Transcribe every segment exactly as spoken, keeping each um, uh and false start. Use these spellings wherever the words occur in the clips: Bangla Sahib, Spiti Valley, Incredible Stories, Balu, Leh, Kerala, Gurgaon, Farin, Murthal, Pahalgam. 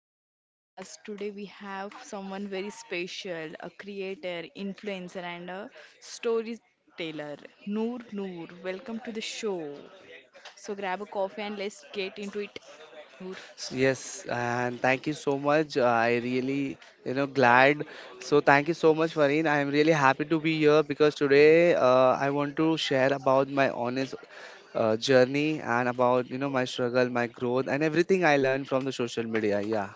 to the podcast. Today we have someone very special, a creator, influencer and a storyteller, Noor Noor. Welcome to the show. So grab a coffee and let's get into it, Noor. Yes, and thank you so much. Uh, I really, you know, glad. So thank you so much, Fareen. I am really happy to be here because today, uh, I want to share about my honest, uh, journey and about you know my struggle, my growth, and everything I learned from the social media. Yeah.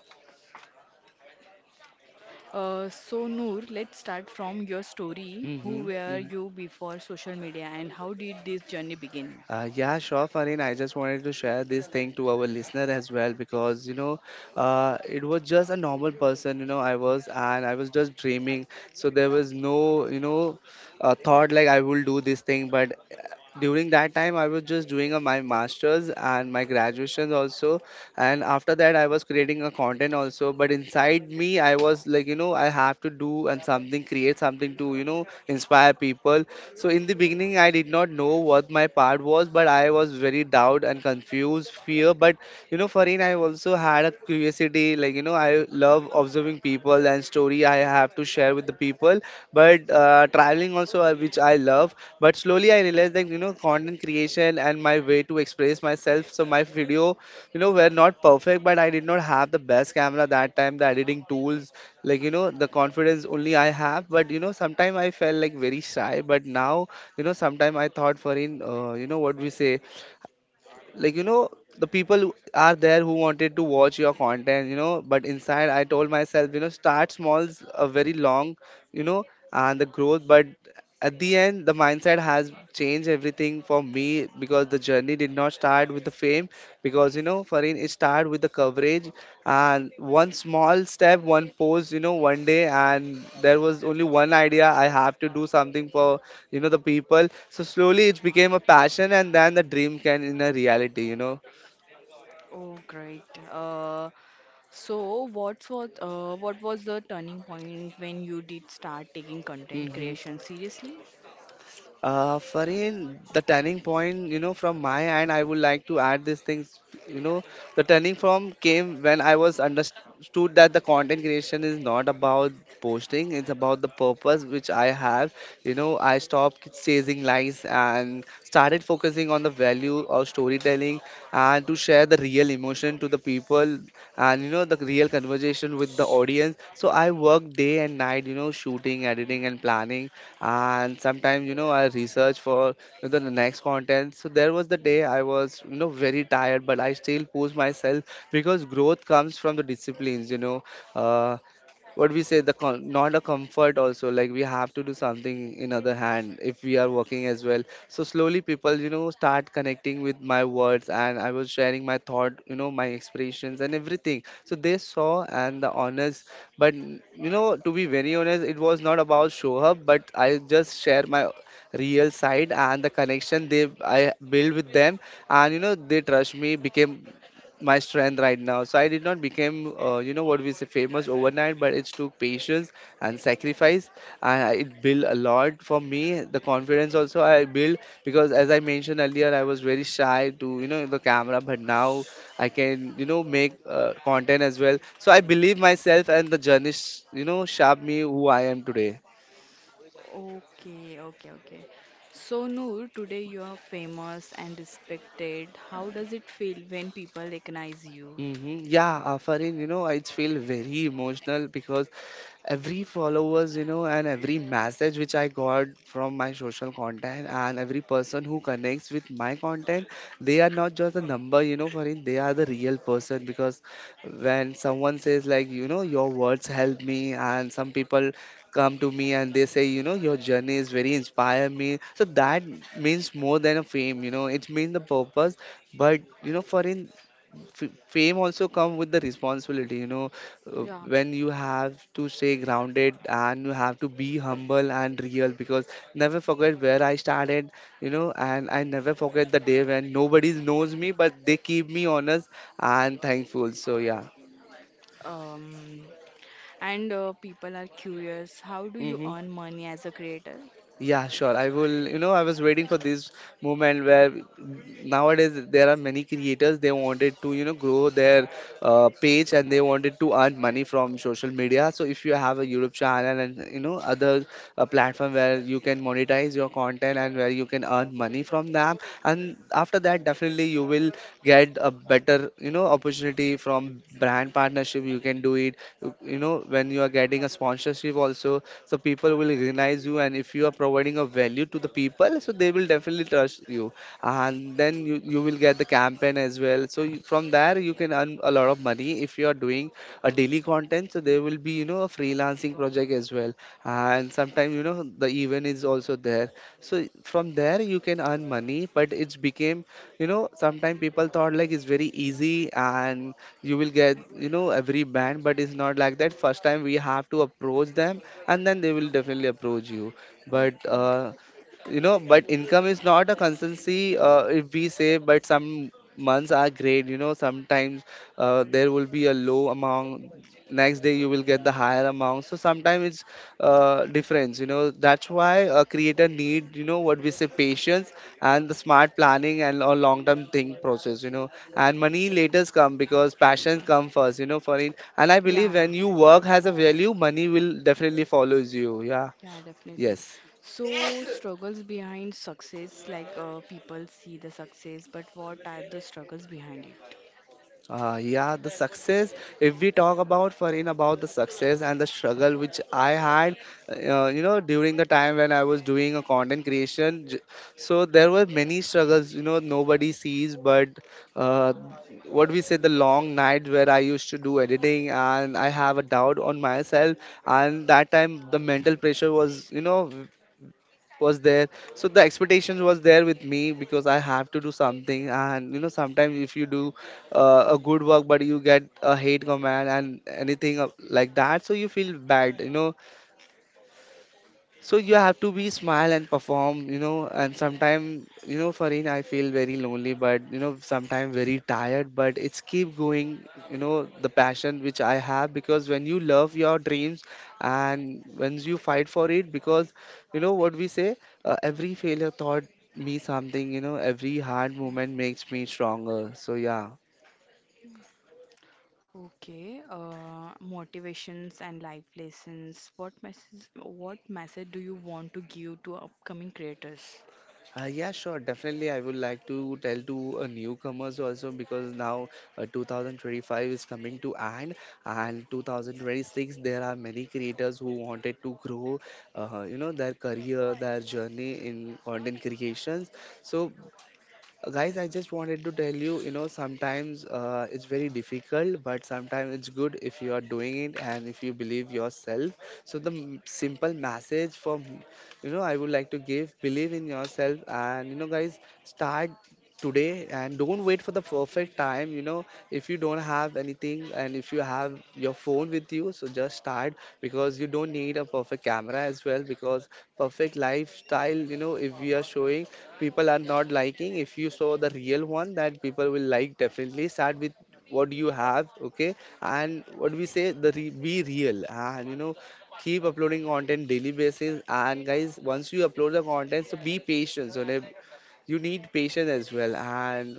Uh, so Noor, let's start from your story. Who Mm-hmm. were Mm-hmm. you before social media and how did this journey begin? Uh, yeah, sure, Farin. I just wanted to share this thing to our listener as well, because you know, uh, it was just a normal person. You know, I was and I was just dreaming, so there was no you know, uh, Yeah. thought like I will do this thing. But uh, during that time, I was just doing uh, my masters and my graduations also. And after that I was creating a content also, but inside me I was like, you know I have to do and something, create something to you know inspire people. So in the beginning I did not know what my part was, but I was very doubt and confused fear. But you know Farin, I also had a curiosity, like, you know I love observing people and story I have to share with the people. But uh, traveling also, uh, which I love. But slowly I realized that, you know content creation and my way to express myself. So my video, you know were not perfect, but I did not have the best camera that time, the editing tools, like, you know the confidence only I have. But you know sometime I felt like very shy, but now you know sometime I thought for in, uh, you know what we say, like, you know the people who are there who wanted to watch your content, you know but inside I told myself, you know start small, a very long, you know and the growth. But at the end, the mindset has changed everything for me, because the journey did not start with the fame. Because you know Farin, it started with the coverage. And one small step, one post, you know one day, and there was only one idea. I have to do something for, you know the people. So slowly it became a passion, and then the dream can in a reality you know Oh, great. Uh, so what was uh, what was the turning point when you did start taking content hmm creation seriously? uh Farin, the turning point, you know from my end, I would like to add these things. you know the turning from came when I was understood that the content creation is not about posting. It's about the purpose which I have. you know I stopped chasing likes and started focusing on the value of storytelling, and to share the real emotion to the people, and you know the real conversation with the audience. So I work day and night, you know, shooting, editing, and planning. And sometimes, you know, I research for, you know, the next content. So there was the day I was, you know, very tired, but I still push myself, because growth comes from the disciplines, you know. Uh, what we say, the con- not a comfort also, like, we have to do something. In other hand, if we are working as well, so slowly people you know start connecting with my words, and I was sharing my thought, you know my expressions and everything, so they saw and the honest. But, you know to be very honest, it was not about show up, but I just share my real side, and the connection they I build with them. And you know they trust me became my strength right now. So I did not become uh, you know what we say famous overnight, but it took patience and sacrifice. And I- it built a lot for me, the confidence also I built, because as I mentioned earlier, I was very shy to, you know the camera. But now I can, you know make uh, content as well. So I believe myself, and the journey sh- you know shaped me who I am today. Okay, okay, okay. So, Noor, today you are famous and respected. How does it feel when people recognize you? hmm Yeah, uh, Farin, you know, I feel very emotional, because every followers, you know and every message which I got from my social content, and every person who connects with my content, they are not just a number, you know for it. They are the real person. Because when someone says, like, you know your words help me, and some people come to me and they say, you know your journey is very inspire me. So that means more than a fame, you know it means the purpose. But you know for in, f- fame also come with the responsibility, you know uh, Yeah. when you have to stay grounded and you have to be humble and real, because never forget where I started, you know and I never forget the day when nobody knows me, but they keep me honest and thankful. So yeah. Um, and uh, people are curious. How do you hmm earn money as a creator? yeah, sure, I will, you know I was waiting for this movement where nowadays there are many creators. They wanted to, you know grow their uh, page, and they wanted to earn money from social media. So if you have a YouTube channel, and you know other uh, platform where you can monetize your content and where you can earn money from them, and after that definitely you will get a better, you know opportunity from brand partnership, you can do it. You you know when you are getting a sponsorship also, so people will recognize you. And if you are providing a value to the people, so so they will definitely trust you. And then you, you will get the campaign as well. So you, from there you can earn a lot of money if you are doing a daily content. So there will be, you know a freelancing project as well. And sometimes, you know the event is also there. So from there you can earn money, but it's became, you know sometimes people thought like it's very easy, and you will get, you know every band. But it's not like that. First time we have to approach them, and then they will definitely approach you. But Okay. uh, you know but income is not a constancy, uh, if we say. But some months are great, you know sometimes, uh, there will be a low amount. Next day you will get the higher amount. So sometimes it's uh, difference, you know that's why a creator need, you know what we say, patience and the smart planning and a long term think process you know And money later come, because passion come first, you know for it. And I Yeah. believe when you work has a value, money will definitely follows you. Yeah. Yeah, definitely. Yes. So, struggles behind success, like, uh, people see the success, but what are the struggles behind it? Uh, yeah, the success. If we talk about Farin about the success and the struggle which I had, uh, you know, during the time when I was doing a content creation, j- so there were many struggles. You know, nobody sees, but uh, what we say, the long nights where I used to do editing, and I have a doubt on myself. And that time the mental pressure was, you know, was there. So the expectations was there with me, because I have to do something. And you know sometimes, if you do, uh, a good work, but you get a hate command and anything of- like that, so you feel bad you know So you have to be smile and perform, you know. And sometimes, you know, Farin, I feel very lonely. But you know, sometimes very tired. But it's keep going, you know, the passion which I have. Because when you love your dreams and when you fight for it, because, you know what we say, uh, every failure taught me something. You know, every hard moment makes me stronger. So yeah. Okay, uh, motivations and life lessons. What message, what message do you want to give to upcoming creators? Uh, yeah, sure. Definitely, I would like to tell to uh, newcomers also, because now uh, twenty twenty-five is coming to end, and twenty twenty-six there are many creators who wanted to grow, uh, you know, their career, their journey in content creations. So uh, guys, I just wanted to tell you, you know, sometimes uh, it's very difficult, but sometimes it's good if you are doing it and if you believe yourself. So the m- simple message from, you know, I would like to give, believe in yourself, and you know, guys, start today and don't wait for the perfect time, you know. If you don't have anything and if you have your phone with you, so just start, because you don't need a perfect camera as well, because perfect lifestyle, you know, if we are showing, people are not liking. If you saw the real one, that people will like. Definitely start with what you have, okay? And what we say, the re- be real, and you know, keep uploading content daily basis. And guys, once you upload the content, so be patient. So like, you need patience as well. And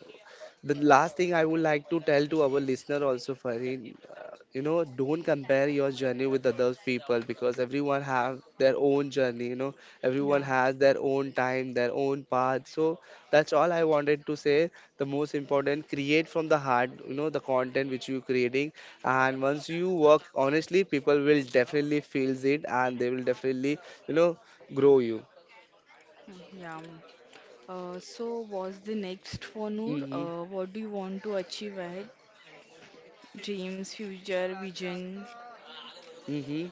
the last thing I would like to tell to our listener also, Farin, uh, you know, don't compare your journey with other people, because everyone have their own journey, you know. Everyone Yeah, has their own time, their own path. So that's all I wanted to say. The most important, create from the heart, you know, the content which you creating. And once you work honestly, people will definitely feel it, and they will definitely, you know, grow you. mm, yeah. Mm. Uh, so, what's the next for Noor? Hmm. Uh, what do you want to achieve ahead? Dreams, future, vision? Mm-hmm.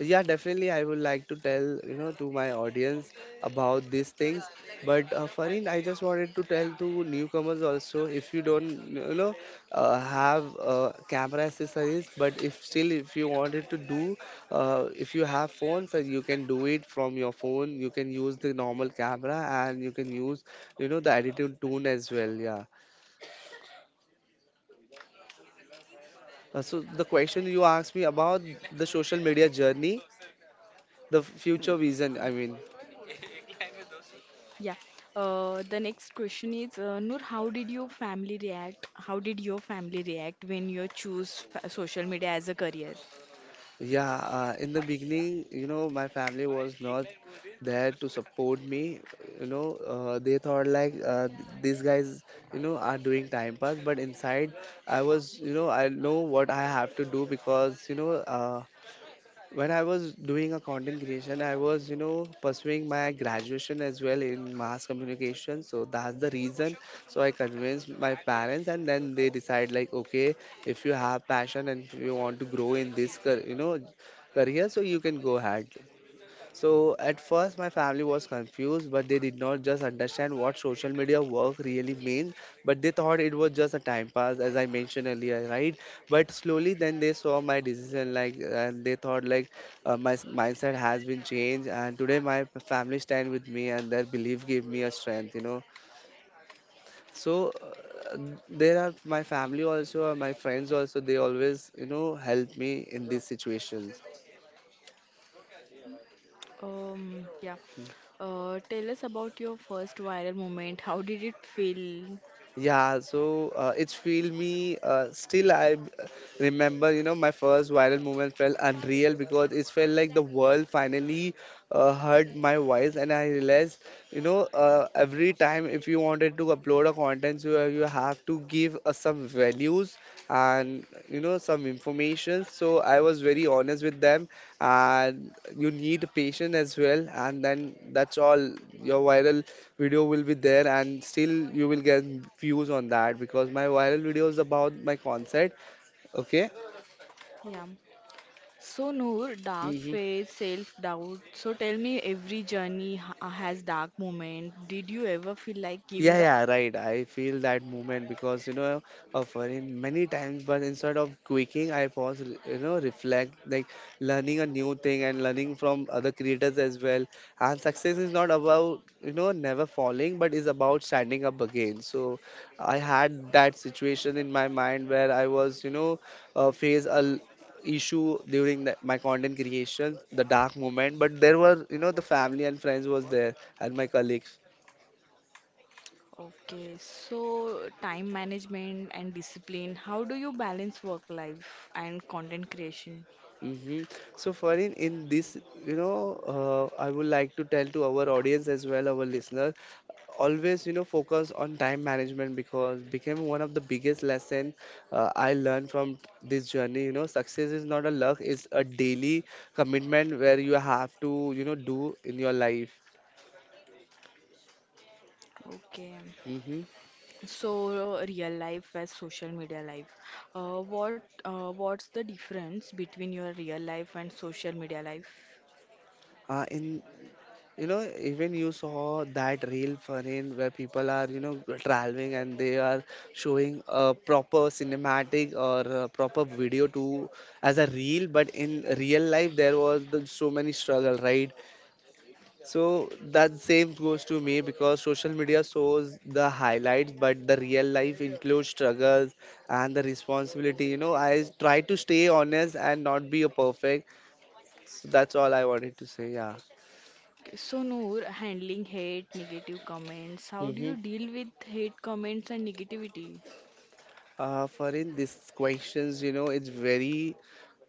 Yeah, definitely. I would like to tell, you know, to my audience about these things. But uh, Farin, I just wanted to tell to newcomers also, if you don't, you know, uh, have uh, camera accessories, but if still, if you wanted to do, uh, if you have phones, uh, you can do it from your phone. You can use the normal camera, and you can use, you know, the attitude tune as well. Yeah. Uh, so the question you asked me about the social media journey, the future vision. I mean. Yeah. Uh, the next question is, uh, Noor, how did your family react? How did your family react when you choose fa- social media as a career? Yeah, uh, in the beginning, you know, my family was not there to support me. You know, uh, they thought like, uh, th- these guys, you know, are doing time pass. But inside, I was, you know, I know what I have to do, because, you know, uh, when I was doing a content creation, I was, you know, pursuing my graduation as well in mass communication. So that's the reason. So I convinced my parents, and then they decide like, okay, if you have passion and if you want to grow in this, car- you know, career, so you can go ahead. So at first, my family was confused, but they did not just understand what social media work really means, but they thought it was just a time pass, as I mentioned earlier, right? But slowly, then they saw my decision, like, and they thought like uh, my s- mindset has been changed, and today my p- family stand with me, and their belief gave me a strength, you know. So uh, there are my family also, uh, my friends also, they always, you know, help me in these situations. Um, yeah. Uh, tell us about your first viral moment. How did it feel? Yeah, so uh, it's feel me. Uh, still, I b- remember, you know, my first viral moment felt unreal, because it felt like the world finally uh, heard my voice. And I realized, you know, uh, every time if you wanted to upload a content, you you have to give uh, some values, and you know, some information. So I was very honest with them, and you need patience as well, and then that's all. Your viral video will be there, and still you will get views on that, because my viral video is about my concert, okay? Yeah. So, Noor, dark Mhm. phase, self-doubt. So, tell me, every journey ha has dark moment. Did you ever feel like giving Yeah, up? yeah, right. I feel that movement because, you know, of in many times. But instead of quaking, I pause, re- you know, reflect, like learning a new thing and learning from other creators as well. And success is not about, you know, never falling, but is about standing up again. So I had that situation in my mind, where I was, you know, uh, face a l- issue during the, my content creation, the dark moment. But there were, you know, the family and friends was there, and my colleagues. Okay, so time management and discipline, how do you balance work life and content creation? Mm-hmm. So, Farin, in this, you know, uh, I would like to tell to our audience as well, our listener, always, you know, focus on time management, because became one of the biggest lesson uh, I learned from this journey. You know, success is not a luck; it's a daily commitment, where you have to, you know, do in your life. Okay, Mm-hmm. so real life as social media life. Uh, what uh, what's the difference between your real life and social media life? Uh, in you know, even you saw that real Farin, where people are, you know, traveling, and they are showing a proper cinematic or a proper video to, as a reel, but in real life there was the, so many struggle, right? So that same goes to me, because social media shows the highlights, but the real life includes struggles and the responsibility. You know, I try to stay honest and not be a perfect. So that's all I wanted to say. Yeah. Okay, so Noor, handling hate, negative comments, how do you deal with hate comments and negativity? Uh, for in these questions, you know, it's very,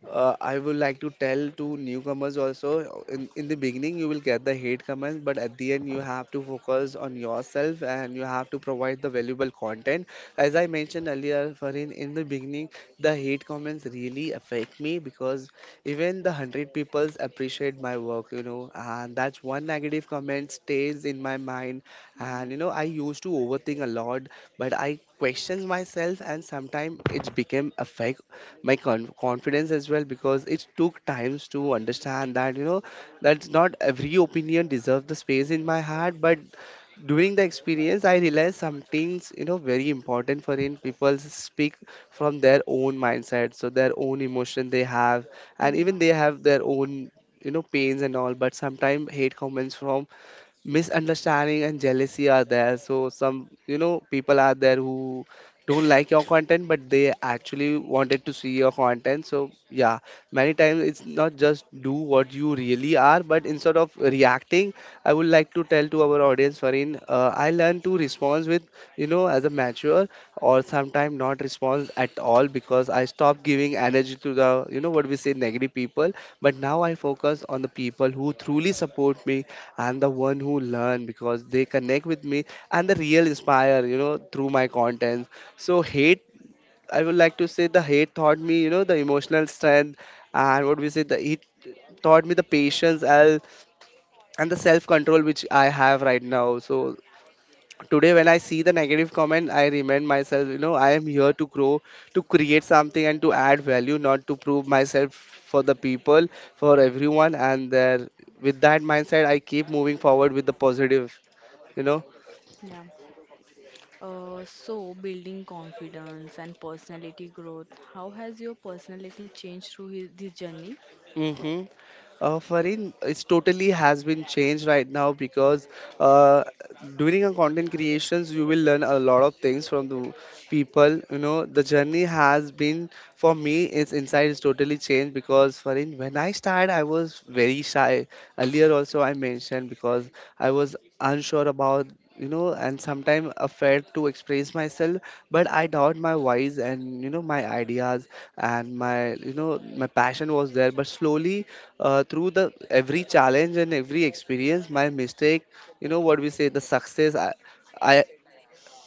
uh, I would like to tell to newcomers also, in, in the beginning you will get the hate comments, but at the end you have to focus on yourself, and you have to provide the valuable content. As I mentioned earlier, Farin, in the beginning, the hate comments really affect me, because even the one hundred peoples appreciate my work, you know, and that's one negative comment stays in my mind. And you know, I used to overthink a lot, but I questions myself, and sometimes it became affect my con- confidence as well, because it took times to understand that, you know, that's not every opinion deserves the space in my heart. But during the experience, I realized some things, you know, very important. For in, people speak from their own mindset, so their own emotion they have, and even Yeah, they have their own, you know, pains and all. But sometimes hate comments from misunderstanding and jealousy are there, so some, you know, people are there who don't like your content, but they actually wanted to see your content. So yeah, many times it's not just do what you really are. But instead of reacting, I would like to tell to our audience, Farin, uh, I learned to respond with, you know, as a mature, or sometimes not respond at all, because I stop giving energy to the, you know, what we say, negative people. But now I focus on the people who truly support me, and the one who learn, because they connect with me, and the real inspire, you know, through my content. So hate, I would like to say, the hate taught me, you know, the emotional strength, and what we say, the it taught me the patience and and the self control which I have right now. So today when I see the negative comment, I remind myself, you know, I am here to grow, to create something and to add value, not to prove myself for the people, for everyone. And there, with that mindset, I keep moving forward with the positive, you know. yeah. Uh, so, building confidence and personality growth, how has your personality changed through his, this journey? Mm-hmm. Uh, Farin, it's totally has been changed right now, because uh, during a content creations, you will learn a lot of things from the people. You know, the journey has been for me. It's inside is totally changed, because Farin, when I started, I was very shy. Earlier also I mentioned, because I was unsure about, you know, and sometimes afraid to express myself. But I doubt my voice, and you know, my ideas, and my, you know, my passion was there. But slowly, uh, through the every challenge and every experience, my mistake, you know, what we say, the success, I, I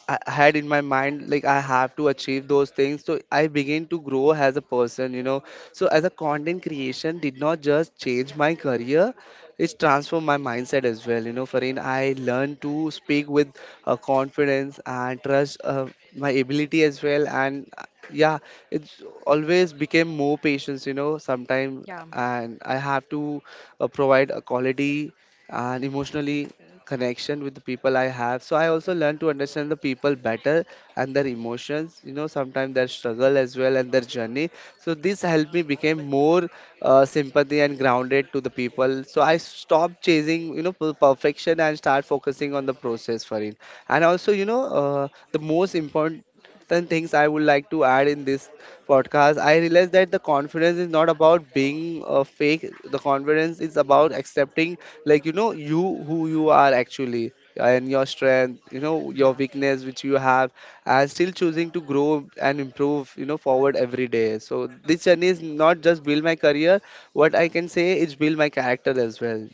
I had in my mind like I have to achieve those things. So I began to grow as a person, you know. So as a content creation did not just change my career, it's transformed my mindset as well. You know, Farin, I learned to speak with uh, confidence and trust uh, my ability as well. And uh, yeah, it's always became more patience, you know, sometime, Yeah, and I have to uh, provide a quality and emotionally connection with the people I have. So I also learn to understand the people better and their emotions, you know, sometimes their struggle as well and their journey. So this helped me become more uh, sympathy and grounded to the people. So I stopped chasing, you know, per- perfection, and start focusing on the process for it. And also, you know, uh, the most important things I would like to add in this podcast, I realized that the confidence is not about being uh, fake. The confidence is about accepting, like, you know, you, who you are actually, and your strength, you know, your yeah, weakness, which you have, and still choosing to grow and improve, you know, forward every day. So this journey is not just build my career. What I can say is build my character as well,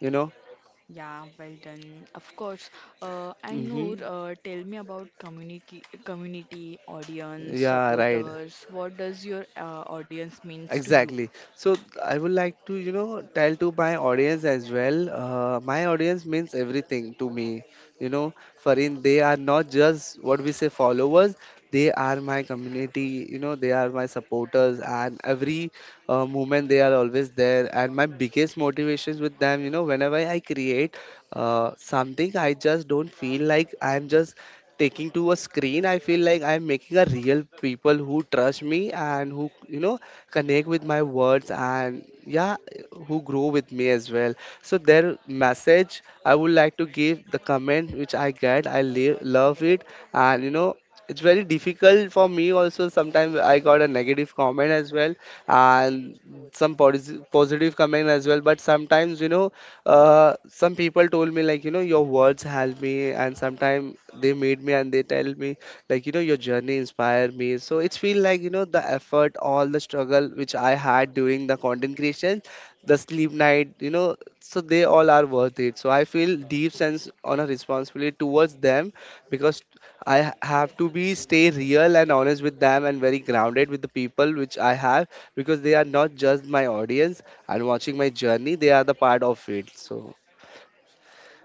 you know. yeah, well done. Of course. Uh, and Noor, Mm-hmm. uh, tell me about community, community, audience, Yeah, right. supporters. What does your uh, audience means to you? Exactly. So I would like to, you know, tell to my audience as well. Uh, my audience means everything to me. You know, Farin, they are not just what we say followers. They are my community. You know, they are my supporters, and every uh, moment they are always there. And my biggest motivations with them, you know, whenever I create uh, something, I just don't feel like I'm just taking to a screen. I feel like I'm making a real people who trust me and who, you know connect with my words. And yeah, who grow with me as well. So their message, I would like to give the comment which I get. I live, love it. And you know it's very difficult for me also. Sometimes I got a negative comment as well, and some posi- positive comment as well. But sometimes, you know uh, some people told me like, you know your words help me. And sometimes they meet me and they tell me like, you know your journey inspired me. So it's feel like, you know the effort, all the struggle which I had during the content creation, the sleep night, you know so they all are worth it. So I feel deep sense on a responsibility towards them, because i ha- have to be stay real and honest with them, and very grounded with the people which I have, because they are not just my audience. And watching my journey, they are the part of it. So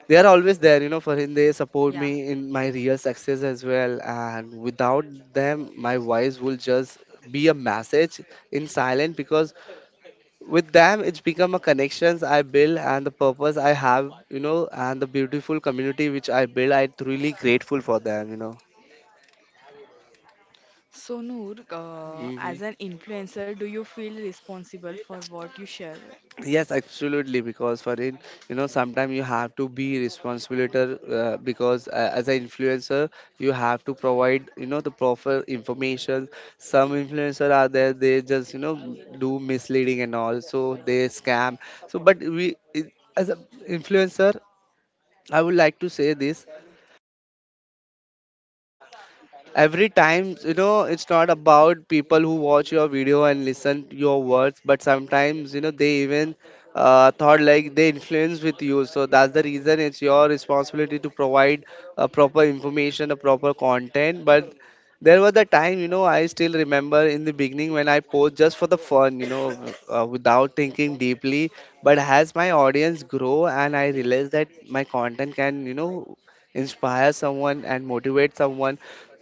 they are always there, you know for him. They support me Yeah. in my real success as well, and without them my voice will just be a message in silent. Because with them, it's become a connections I build, and the purpose I have, you know and the beautiful community which I build, I truly grateful for them, you know So, Noor, uh, hmm as an influencer, do you feel responsible for what you share? Yes, absolutely. Because for in, you know, sometimes you have to be responsible, uh, because uh, as an influencer, you have to provide, you know the proper information. Some influencer are there; they just, you know do misleading and all, so they scam. So, but we it- as an influencer, I would like to say this every time. You know it's not about people who watch your video and listen to your words, but sometimes, you know they even uh, thought like they influence with you. So that's the reason it's your responsibility to provide a proper information, a proper content. But there was a time, you know I still remember, in the beginning when I post just for the fun, you know uh, without thinking deeply. But as my audience grow, and I realize that my content can, you know inspire someone and motivate someone,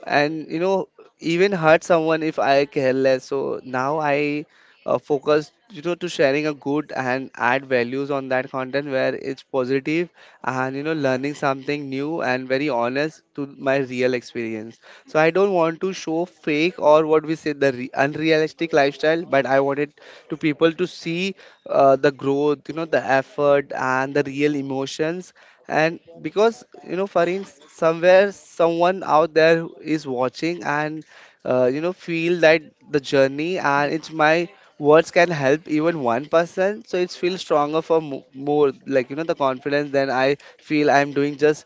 and you know even hurt someone if I careless. So now I uh, focus, you know to sharing a good and add values on that content where it's positive, and you know learning something new and very honest to my real experience. So I don't want to show fake or what we say the re- unrealistic lifestyle, but I wanted to people to see uh, the growth, you know the effort and the real emotions. And because, you know Farin, somewhere someone out there who is watching, and uh, you know feel that the journey, and Yeah. it's my words can help even one person. So it's feel stronger for mo- more, like, you know the confidence than I feel I'm doing just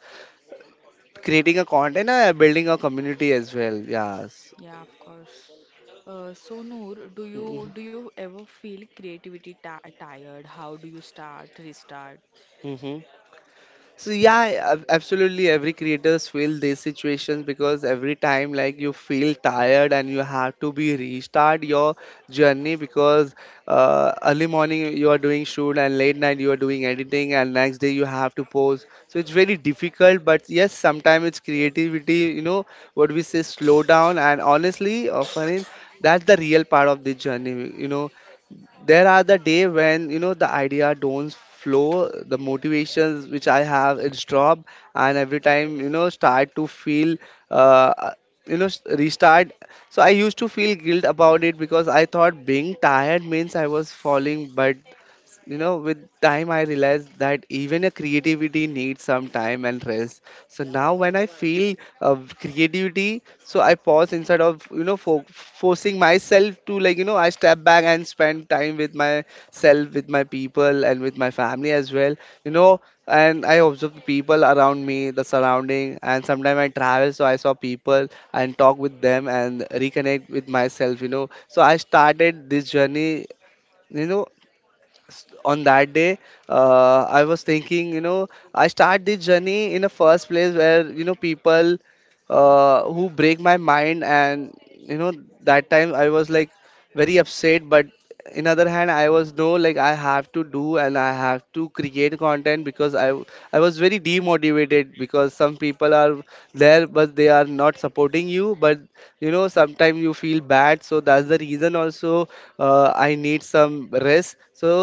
creating a content and uh, building a community as well. Yes. Yeah, of course. Uh, so Noor, do Mm-hmm. you do you ever feel creativity ti tired? How do you start, restart? Mm-hmm. So yeah, ab- absolutely. Every creators feel these situations, because every time like you feel tired and you have to be restart your journey. Because uh, early morning you are doing shoot, and late night you are doing editing, and next day you have to post. So it's very difficult. But yes, sometimes it's creativity, you know, what we say, slow down. And honestly, often that's the real part of the journey. You know, there are the day when, you know the idea don't flow, the motivations which I have, it's drop. And every time, you know start to feel uh, uh, you know s- restart. So I used to feel guilt about it, because I thought being tired means I was falling. But, you know with time I realized that even a creativity needs some time and rest. So now when I feel uh, creativity, so I pause instead of, you know fo- forcing myself to, like, you know I step back and spend time with myself, with my people, and with my family as well, you know and I observe the people around me, the surrounding, and sometimes I travel, so I saw people and talk with them and reconnect with myself, you know so I started this journey, you know s- on that day. uh, I was thinking, you know I start this journey in a first place where, you know people uh, who break my mind. And, you know that time I was like very upset. But in other hand, I was no like I have to do, and I have to create content. Because i w- I was very demotivated, because some people are there but they are not supporting you. But, you know sometimes you feel bad. So that's the reason also uh, I need some rest. So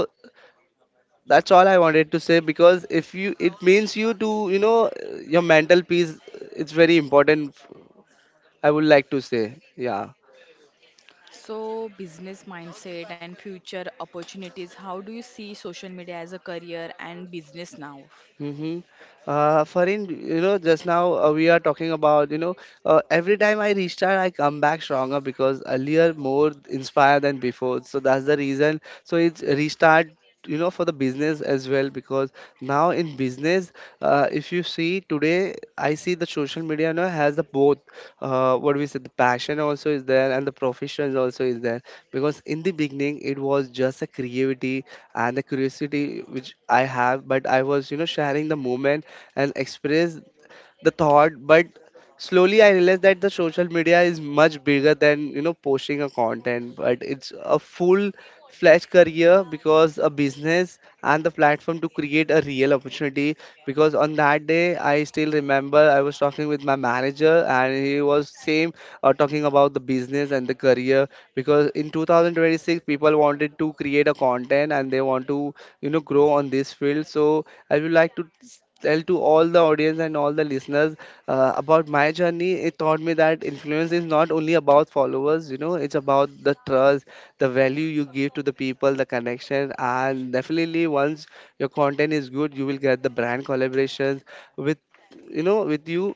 that's all I wanted to say. Because if you, it means you to, you know your mental peace, it's very important, I would like to say. Yeah. So business mindset and future opportunities. How do you see social media as a career and business now? Mm-hmm. Uh, Farin, you know, just now, uh, we are talking about, you know, uh, every time I restart, I come back stronger, because earlier more inspired than before. So that's the reason. So it's restart, you know for the business as well. Because now in business, uh, if you see today, I see the social media, you know, has the both uh, what we said, the passion also is there, and the profession also is there. Because in the beginning, it was just a creativity and the curiosity which I have. But I was, you know sharing the moment and express the thought. But slowly I realized that the social media is much bigger than, you know posting a content. But it's a full fledged career, because a business and the platform to create a real opportunity. Because on that day, I still remember, I was talking with my manager, and he was same, uh, talking about the business and the career. Because in two thousand twenty-six, people wanted to create a content, and they want to, you know grow on this field. So I would like to tell to all the audience and all the listeners uh, about my journey. It taught me that influence is not only about followers, you know. It's about the trust, the value you give to the people, the connection. And definitely once your content is good, you will get the brand collaborations with, you know with you.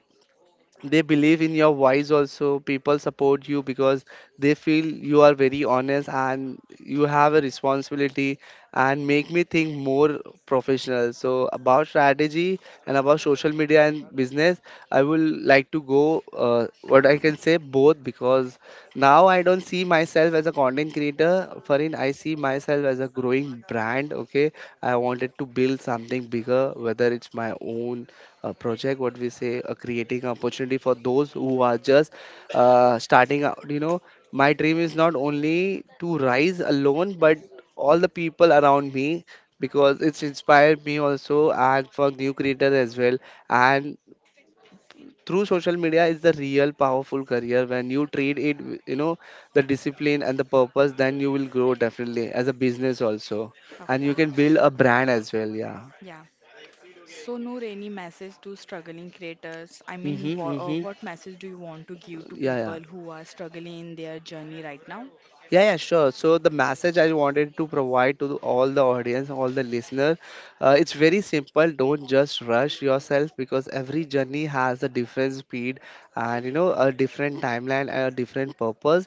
They believe in your voice, also people support you, because they feel you are very honest and you have a responsibility, and make me think more professional. So about strategy and about social media and business, I will like to go, uh, what I can say, both. Because now I don't see myself as a content creator, Farin. I see myself as a growing brand. Okay, I wanted to build something bigger, whether it's my own a project, what we say, a creating opportunity for those who are just uh, starting out, you know my dream is not only to rise alone, but all the people around me, because it's inspired me also, and for new creators as well. And through social media is the real powerful career. When you treat it with, you know, the discipline and the purpose, then you will grow definitely as a business also, Of and you can course. build a brand as well. Yeah. Yeah. So Noor, any message to struggling creators? I mean, Mm-hmm, wha uh, mm-hmm. what message do you want to give to Yeah, yeah. people who are struggling in their journey right now? Yeah, yeah, sure. So the message I wanted to provide to all the audience, all the listeners, uh, it's very simple. Don't just rush yourself, because every journey has a different speed, and, you know a different timeline and a different purpose.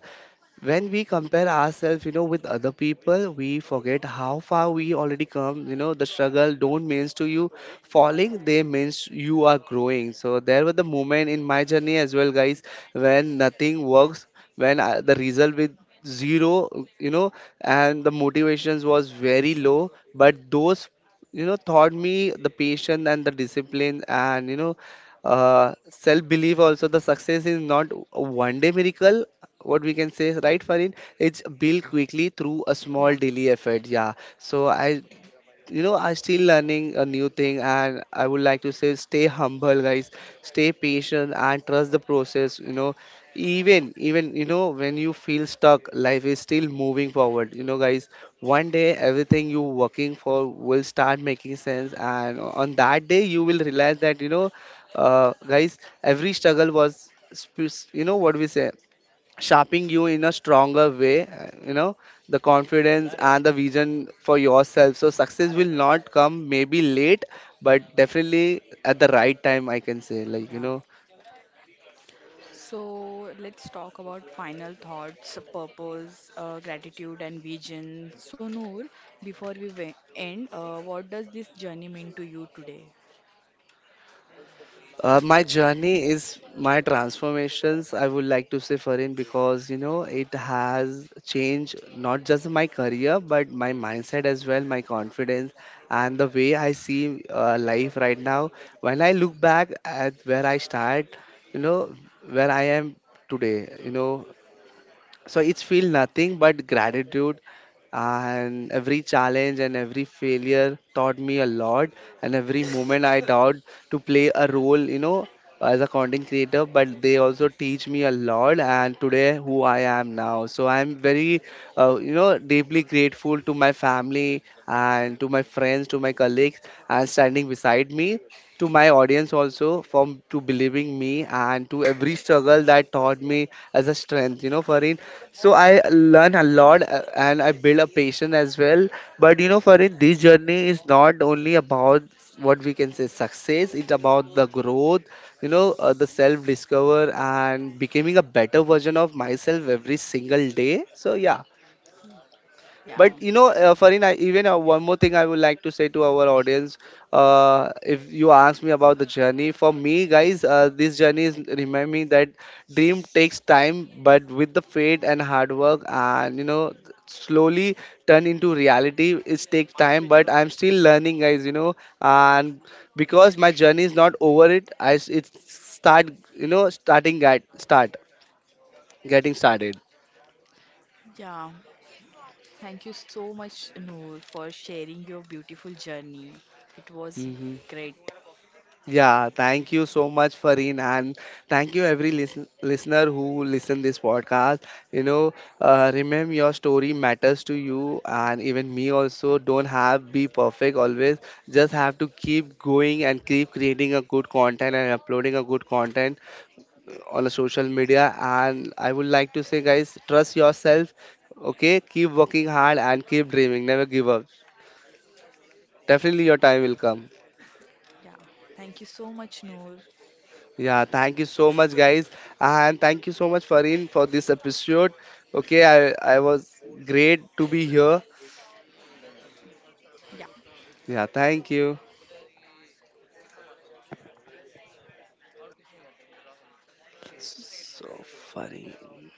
When we compare ourselves, you know with other people, we forget how far we already come, you know the struggle don't means to you falling, they means you are growing. So there was the moment in my journey as well, guys, when nothing works, when I, the result with zero, you know and the motivations was very low. But those, you know taught me the patience and the discipline, and, you know uh, self belief also. The success is not a one day miracle, what we can say, right, Farin? It's built quickly through a small Yeah. daily effort. Yeah. So I, you know, I'm still learning a new thing, and I would like to say, stay humble, guys. Stay patient and trust the process. You know, even even you know, when you feel stuck, life is still moving forward, you know, guys. One day everything you working for will start making sense, and on that day you will realize that, you know, uh, guys, every struggle was, sp- you know, what we say, shaping you in a stronger way. Uh, you know the confidence and the vision for yourself. So success will not come, maybe late, but definitely at the right time, I can say, like, you Yeah. know So let's talk about final thoughts, purpose, uh, gratitude, and vision. So, Noor, before we we- end, uh, what does this journey mean to you today? Uh, my journey is my transformations, I would like to say, Farin, because, you know, it has changed not just my career but my mindset as well, my confidence, and the way I see uh, life right now. When I look back at where I start, you know, where I am today, you know, so it's feel nothing but gratitude. And every challenge and every failure taught me a lot. And every moment I doubt to play a role, you know as a content creator, but they also teach me a lot. And today, who I am now, so I'm very, uh, you know deeply grateful to my family and to my friends, to my colleagues, and standing beside me, to my audience also, from to believing me, and to every struggle that taught me as a strength, you know Farin. So I learn a lot, uh, and I build a patience as well. But, you know, for it, this journey is not only about, what we can say, success. It's about the growth, you know, uh, the self discover, and becoming a better version of myself every single day. So yeah, Yeah, but, you know, uh, Farin, I, even uh, one more thing I would like to say to our audience. Uh, if you ask me about the journey, for me, guys, uh, this journey is remind me that dream takes time, but with the faith and hard work, and, you know, slowly turn into reality. It takes time, but I'm still learning, guys, You know, and because my journey is not over, it I s- it start you know starting get start getting started. yeah. Thank you so much, Noor, for sharing your beautiful journey. It was Mm-hmm. great. Yeah, thank you so much, Fareen. And thank you every listen, listener who listen this podcast. You know, uh, remember, your story matters to you, and even me also. Don't have be perfect always. Just have to keep going, and keep creating a good content and uploading a good content uh, on the social media. And I would like to say, guys, trust yourself. Okay, keep working hard and keep dreaming. Never give up. Definitely, your time will come. Yeah, thank you so much, Noor. Yeah, thank you so much, guys, and thank you so much, Farin, for this episode. Okay, I I was great to be here. Yeah. Yeah, thank you. So, Farin.